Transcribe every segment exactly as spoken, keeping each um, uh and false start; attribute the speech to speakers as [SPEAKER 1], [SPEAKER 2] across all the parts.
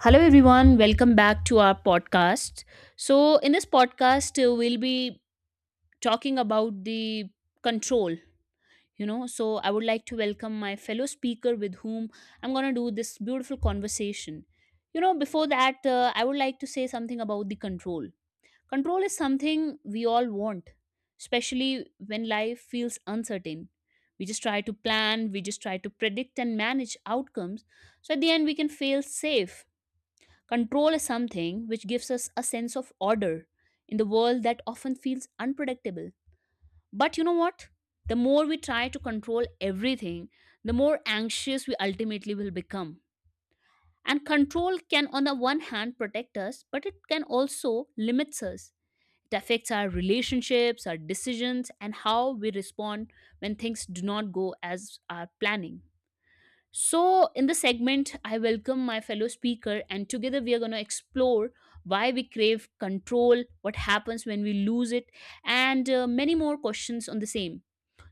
[SPEAKER 1] Hello, everyone. Welcome back to our podcast. So, in this podcast, uh, we'll be talking about the control. You know, so I would like to welcome my fellow speaker with whom I'm going to do this beautiful conversation. You know, before that, uh, I would like to say something about the control. Control is something we all want, especially when life feels uncertain. We just try to plan, we just try to predict and manage outcomes. So, at the end, we can feel safe. Control is something which gives us a sense of order in the world that often feels unpredictable. But you know what? The more we try to control everything, the more anxious we ultimately will become. And control can, on the one hand, protect us, but it can also limit us. It affects our relationships, our decisions, and how we respond when things do not go as our planning. So, in this segment, I welcome my fellow speaker, and together we are going to explore why we crave control, what happens when we lose it, and uh, many more questions on the same.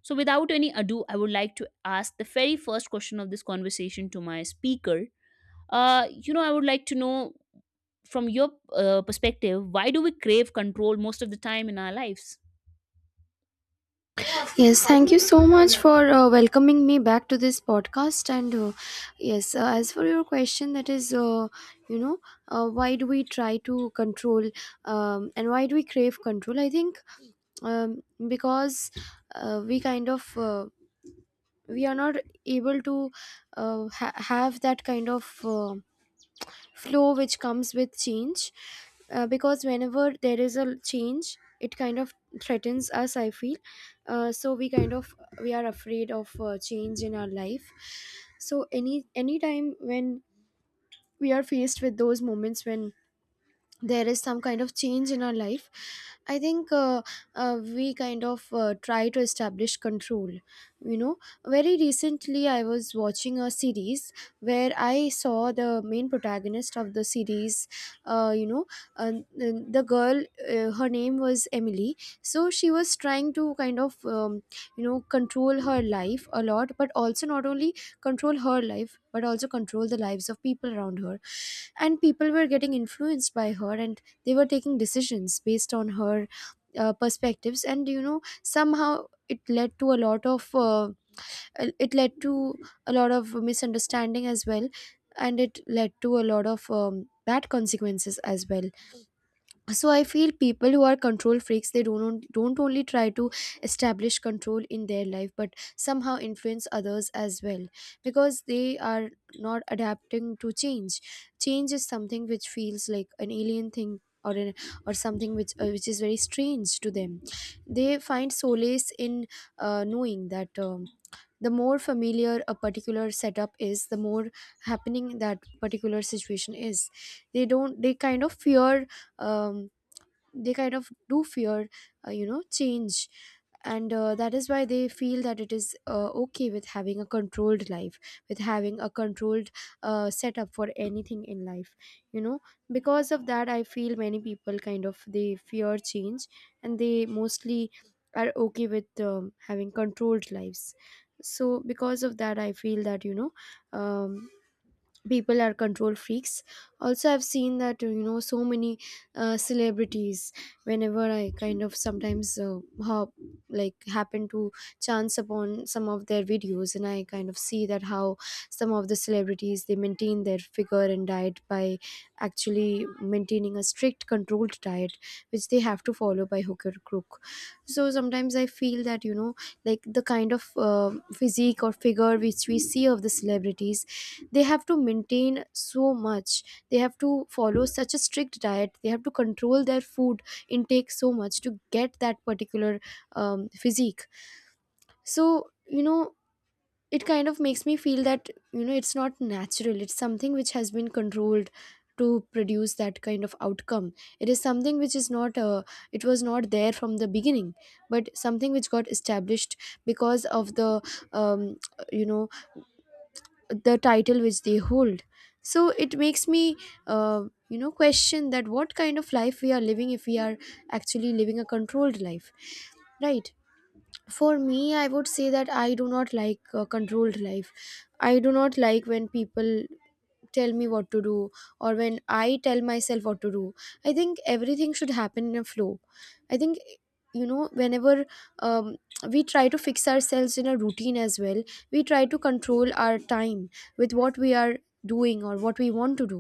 [SPEAKER 1] So, without any ado, I would like to ask the very first question of this conversation to my speaker. Uh, you know, I would like to know from your uh, perspective, why do we crave control most of the time in our lives?
[SPEAKER 2] Yes, thank you so much for uh, welcoming me back to this podcast. And uh, yes, uh, as for your question, that is, uh, you know, uh, why do we try to control um, and why do we crave control? I think um, because uh, we kind of, uh, we are not able to uh, ha- have that kind of. Uh, flow which comes with change, uh, because whenever there is a change, it kind of threatens us, I feel. Uh, so we kind of, we are afraid of uh, change in our life. So any any time when we are faced with those moments when there is some kind of change in our life, I think uh, uh, we kind of, uh, try to establish control, you know Very recently, I was watching a series where I saw the main protagonist of the series, uh, you know uh, the the girl uh, Her name was Emily. So she was trying to kind of, um, you know control her life a lot, but also not only control her life but also control the lives of people around her. And people were getting influenced by her, and they were taking decisions based on her uh, perspectives. And you know, somehow it led to a lot of, uh, it led to a lot of misunderstanding as well, and it led to a lot of um, bad consequences as well. So I feel people who are control freaks, they don't don't only try to establish control in their life but somehow influence others as well, because they are not adapting to change. Change is something which feels like an alien thing, or an, or something which uh, which is very strange to them. They find solace in, uh, knowing that, um, the more familiar a particular setup is, the more happening that particular situation is. They don't they kind of fear, um, they kind of do fear, uh, you know change. And uh, that is why they feel that it is, uh, okay with having a controlled life, with having a controlled uh, setup for anything in life, you know. Because of that, I feel many people kind of, they fear change, and they mostly are okay with um, having controlled lives. So because of that, I feel that you know um, people are control freaks. Also, I've seen that you know, so many uh, celebrities, whenever I kind of sometimes uh, hop like happen to chance upon some of their videos, and I kind of see that how some of the celebrities, they maintain their figure and diet by actually maintaining a strict controlled diet, which they have to follow by hook or crook. So sometimes I feel that you know, like the kind of uh, physique or figure which we see of the celebrities, they have to maintain so much, they have to follow such a strict diet, they have to control their food intake so much to get that particular um, physique. So you know, it kind of makes me feel that you know, it's not natural, it's something which has been controlled to produce that kind of outcome. It is something which is not, uh, it was not there from the beginning, but something which got established because of the, um, you know the title which they hold. So it makes me, uh, you know question that what kind of life we are living if we are actually living a controlled life, right? For me, I would say that I do not like a controlled life. I do not like when people tell me what to do, or when I tell myself what to do. I think everything should happen in a flow. I think you know, whenever, um, we try to fix ourselves in a routine as well, we try to control our time with what we are doing or what we want to do.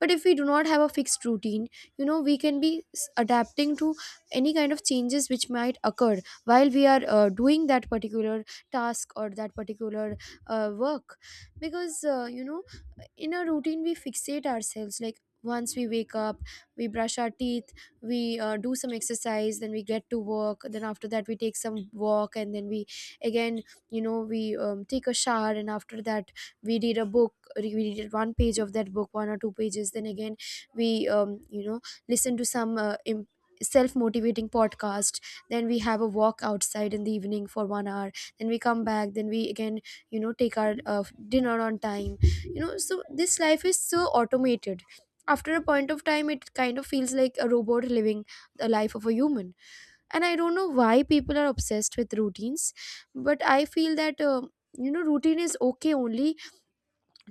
[SPEAKER 2] But if we do not have a fixed routine, you know, we can be s- adapting to any kind of changes which might occur while we are uh, doing that particular task or that particular uh, work. Because uh, you know in a routine, we fixate ourselves, like once we wake up, we brush our teeth, we uh, do some exercise, then we get to work, then after that we take some walk, and then we again, you know, we um, take a shower, and after that we read a book, re- we read one page of that book, one or two pages, then again we, um, you know listen to some uh, im- self-motivating podcast, then we have a walk outside in the evening for one hour, then we come back, then we again, you know, take our uh, dinner on time, you know. So this life is so automated after a point of time, it kind of feels like a robot living the life of a human. And I don't know why people are obsessed with routines, but I feel that um, you know, routine is okay only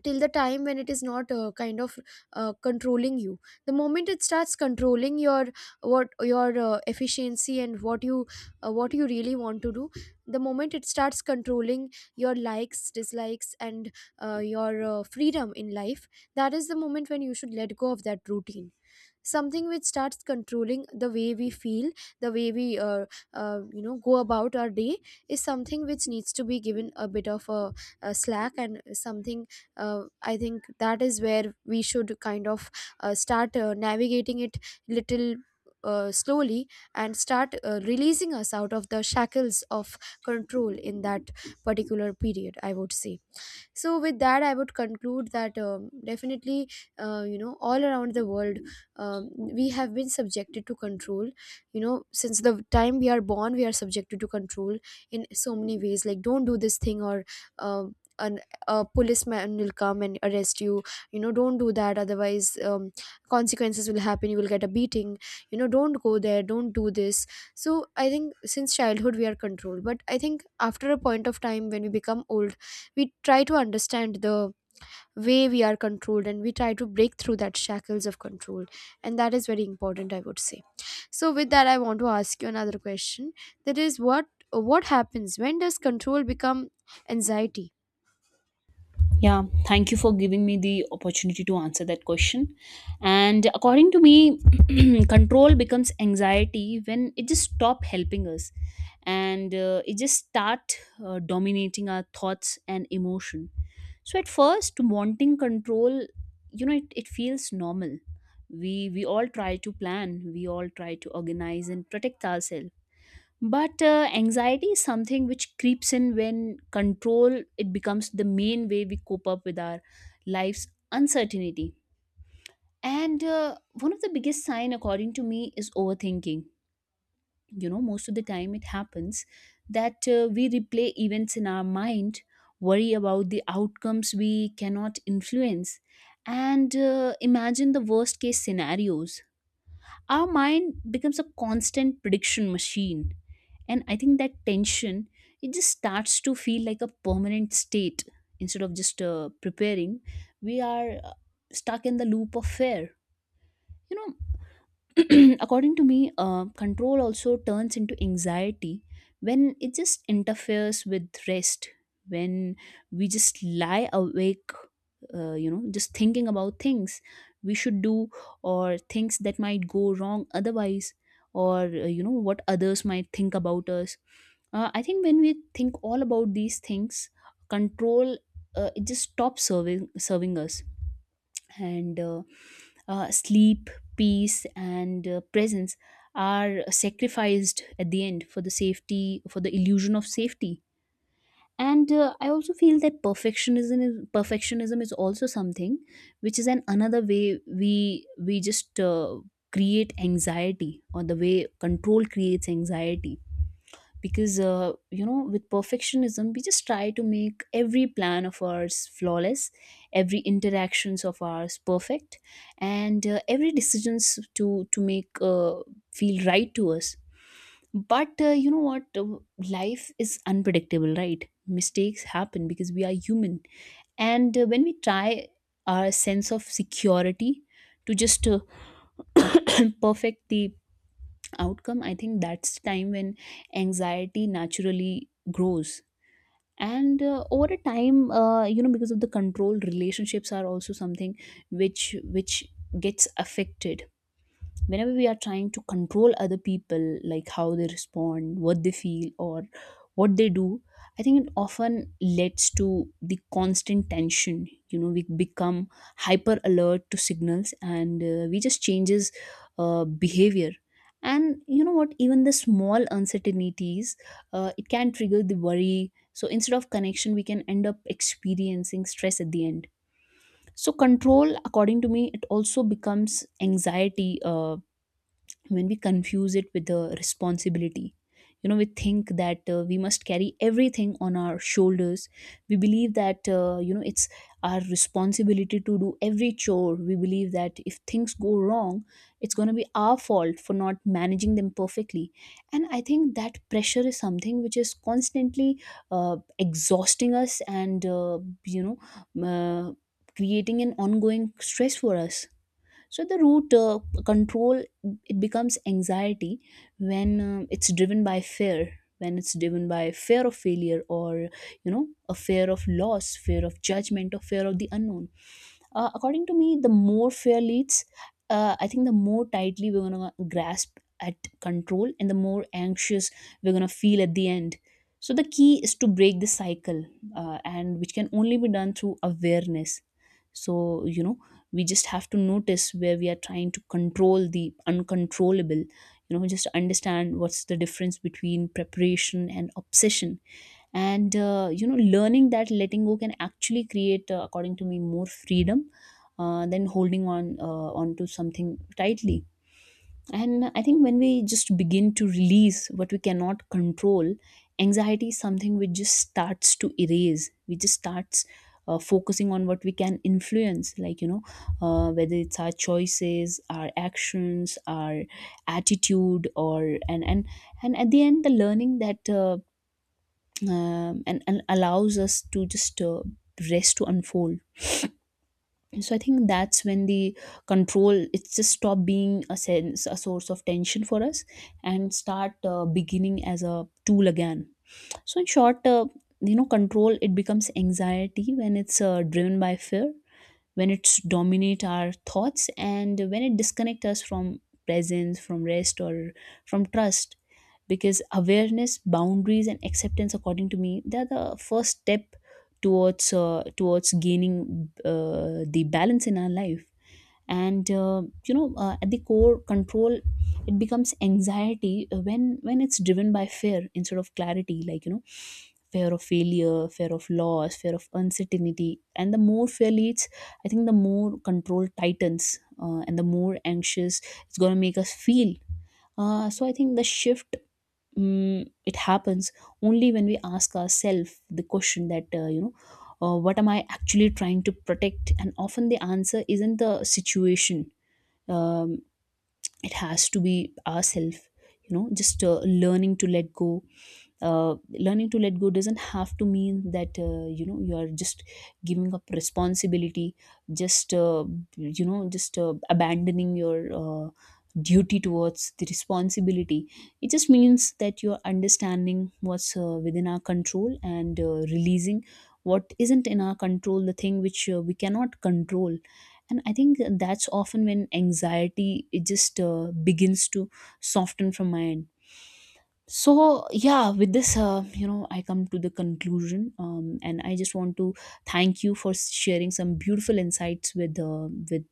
[SPEAKER 2] till the time when it is not, uh, kind of uh, controlling you. The moment it starts controlling your, what your uh, efficiency and what you, uh, what you really want to do, the moment it starts controlling your likes, dislikes and, uh, your uh, freedom in life, that is the moment when you should let go of that routine. Something which starts controlling the way we feel, the way we, uh, uh, you know go about our day, is something which needs to be given a bit of a, a slack and something, uh, I think that is where we should kind of, uh, start uh, navigating it, little, uh, slowly, and start uh, releasing us out of the shackles of control in that particular period, I would say. So with that, I would conclude that um, definitely, uh, you know all around the world, um, we have been subjected to control. You know, since the time we are born, we are subjected to control in so many ways, like don't do this thing, or um, an, a policeman will come and arrest you. You know, don't do that, otherwise um, consequences will happen, you will get a beating. You know, don't go there, don't do this. So I think since childhood we are controlled, but I think after a point of time when we become older, we try to understand the way we are controlled, and we try to break through that shackles of control. And that is very important, I would say. So with that, I want to ask you another question, that is, what what happens when, does control become anxiety?
[SPEAKER 1] Yeah, thank you for giving me the opportunity to answer that question. And according to me, control becomes anxiety when it just stop helping us and uh, it just start uh, dominating our thoughts and emotion. So at first, wanting control, you know, it, it feels normal. We we all try to plan, we all try to organize and protect ourselves, but uh, anxiety is something which creeps in when control it becomes the main way we cope up with our life's uncertainty. And uh, one of the biggest sign according to me is overthinking. You know, most of the time it happens that uh, we replay events in our mind, worry about the outcomes we cannot influence, and uh, imagine the worst case scenarios. Our mind becomes a constant prediction machine, and I think that tension, it just starts to feel like a permanent state. Instead of just uh, preparing, we are uh, stuck in the loop of fear, you know. According to me, uh, control also turns into anxiety when it just interferes with rest, when we just lie awake, uh, you know, just thinking about things we should do, or things that might go wrong otherwise, or, uh, you know, what others might think about us. Uh, I think when we think all about these things, control, uh, it just stops serving serving us, and uh, uh, sleep, peace, and uh, presence are sacrificed at the end for the safety, for the illusion of safety. And uh, I also feel that perfectionism is perfectionism is also something which is an another way we we just uh, create anxiety, or the way control creates anxiety, because uh, you know, with perfectionism we just try to make every plan of ours flawless, every interactions of ours perfect, and uh, every decisions to to make uh, feel right to us. But uh, you know what? Uh, life is unpredictable, right? Mistakes happen because we are human. And uh, when we try our sense of security to just uh, perfect the outcome, I think that's time when anxiety naturally grows. And uh, over a time, uh, you know, because of the control, relationships are also something which which gets affected. Whenever we are trying to control other people, like how they respond, what they feel, or what they do, I think it often leads to the constant tension. You know, we become hyper alert to signals, and uh, we just changes uh, behavior. And you know what, even the small uncertainties, uh, it can trigger the worry. So instead of connection, we can end up experiencing stress at the end. So control, according to me, it also becomes anxiety uh, when we confuse it with the responsibility. You know, we think that uh, we must carry everything on our shoulders. We believe that uh, you know, it's our responsibility to do every chore. We believe that if things go wrong, it's going to be our fault for not managing them perfectly. And I think that pressure is something which is constantly uh, exhausting us, and uh, you know uh, creating an ongoing stress for us. So the root, uh, control, it becomes anxiety when uh, it's driven by fear, when it's driven by fear of failure, or you know, a fear of loss, fear of judgment, or fear of the unknown. Uh, according to me, the more fair leads, uh, I think the more tightly we're gonna grasp at control, and the more anxious we're gonna feel at the end. So the key is to break the cycle, uh, and which can only be done through awareness. So you know, we just have to notice where we are trying to control the uncontrollable. You know, just understand what's the difference between preparation and obsession, and uh, you know, learning that letting go can actually create, uh, according to me, more freedom uh, than holding on uh, onto something tightly. And I think when we just begin to release what we cannot control, anxiety is something which just starts to erase. We just starts uh, focusing on what we can influence, like you know, uh, whether it's our choices, our actions, our attitude, or and and and at the end, the learning that uh, um, and, and allows us to just uh, rest to unfold. So I think that's when the control, it's just stop being a sense, a source of tension for us, and start uh, beginning as a tool again. So in short, uh, you know, control, it becomes anxiety when it's uh, driven by fear, when it's dominate our thoughts, and when it disconnect us from presence, from rest, or from trust. Because awareness, boundaries, and acceptance, according to me, they are the first step towards, uh, towards gaining uh, the balance in our life. And uh, you know uh, at the core, control, it becomes anxiety uh, when when it's driven by fear instead of clarity, like you know, fear of failure, fear of loss, fear of uncertainty. And the more fear leads, I think the more control tightens, uh, and the more anxious it's going to make us feel. Uh, so I think the shift, mm, it happens only when we ask ourselves the question that uh, you know uh, what am I actually trying to protect? And often the answer isn't the situation, um, it has to be ourself. You know, just uh, learning to let go, uh, learning to let go doesn't have to mean that uh, you know, you are just giving up responsibility, just uh, you know just uh, abandoning your uh, duty towards the responsibility. It just means that you're understanding what's uh, within our control, and uh, releasing what isn't in our control, the thing which uh, we cannot control. And I think that's often when anxiety, it just uh, begins to soften from my end. So yeah, with this, uh, you know, I come to the conclusion, um, and I just want to thank you for sharing some beautiful insights with uh, with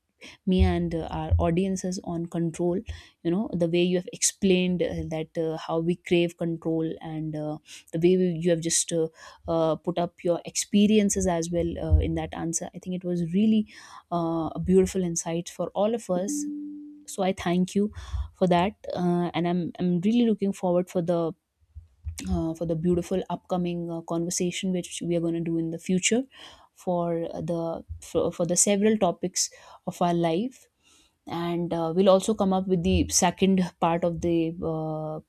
[SPEAKER 1] me and uh, our audiences on control. You know, the way you have explained, uh, that uh, how we crave control, and uh, the way we, you have just uh, uh, put up your experiences as well uh, in that answer, I think it was really uh, a beautiful insight for all of us. So I thank you for that. Uh, and i'm i'm really looking forward for the, uh, for the beautiful upcoming uh, conversation which we are going to do in the future, for the for, for the several topics of our life. And uh, we'll also come up with the second part of the, uh,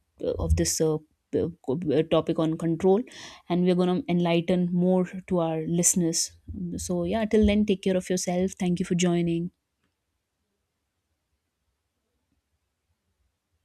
[SPEAKER 1] of this uh, uh, topic on control. And we're going to enlighten more to our listeners. So yeah, till then, take care of yourself. Thank you for joining.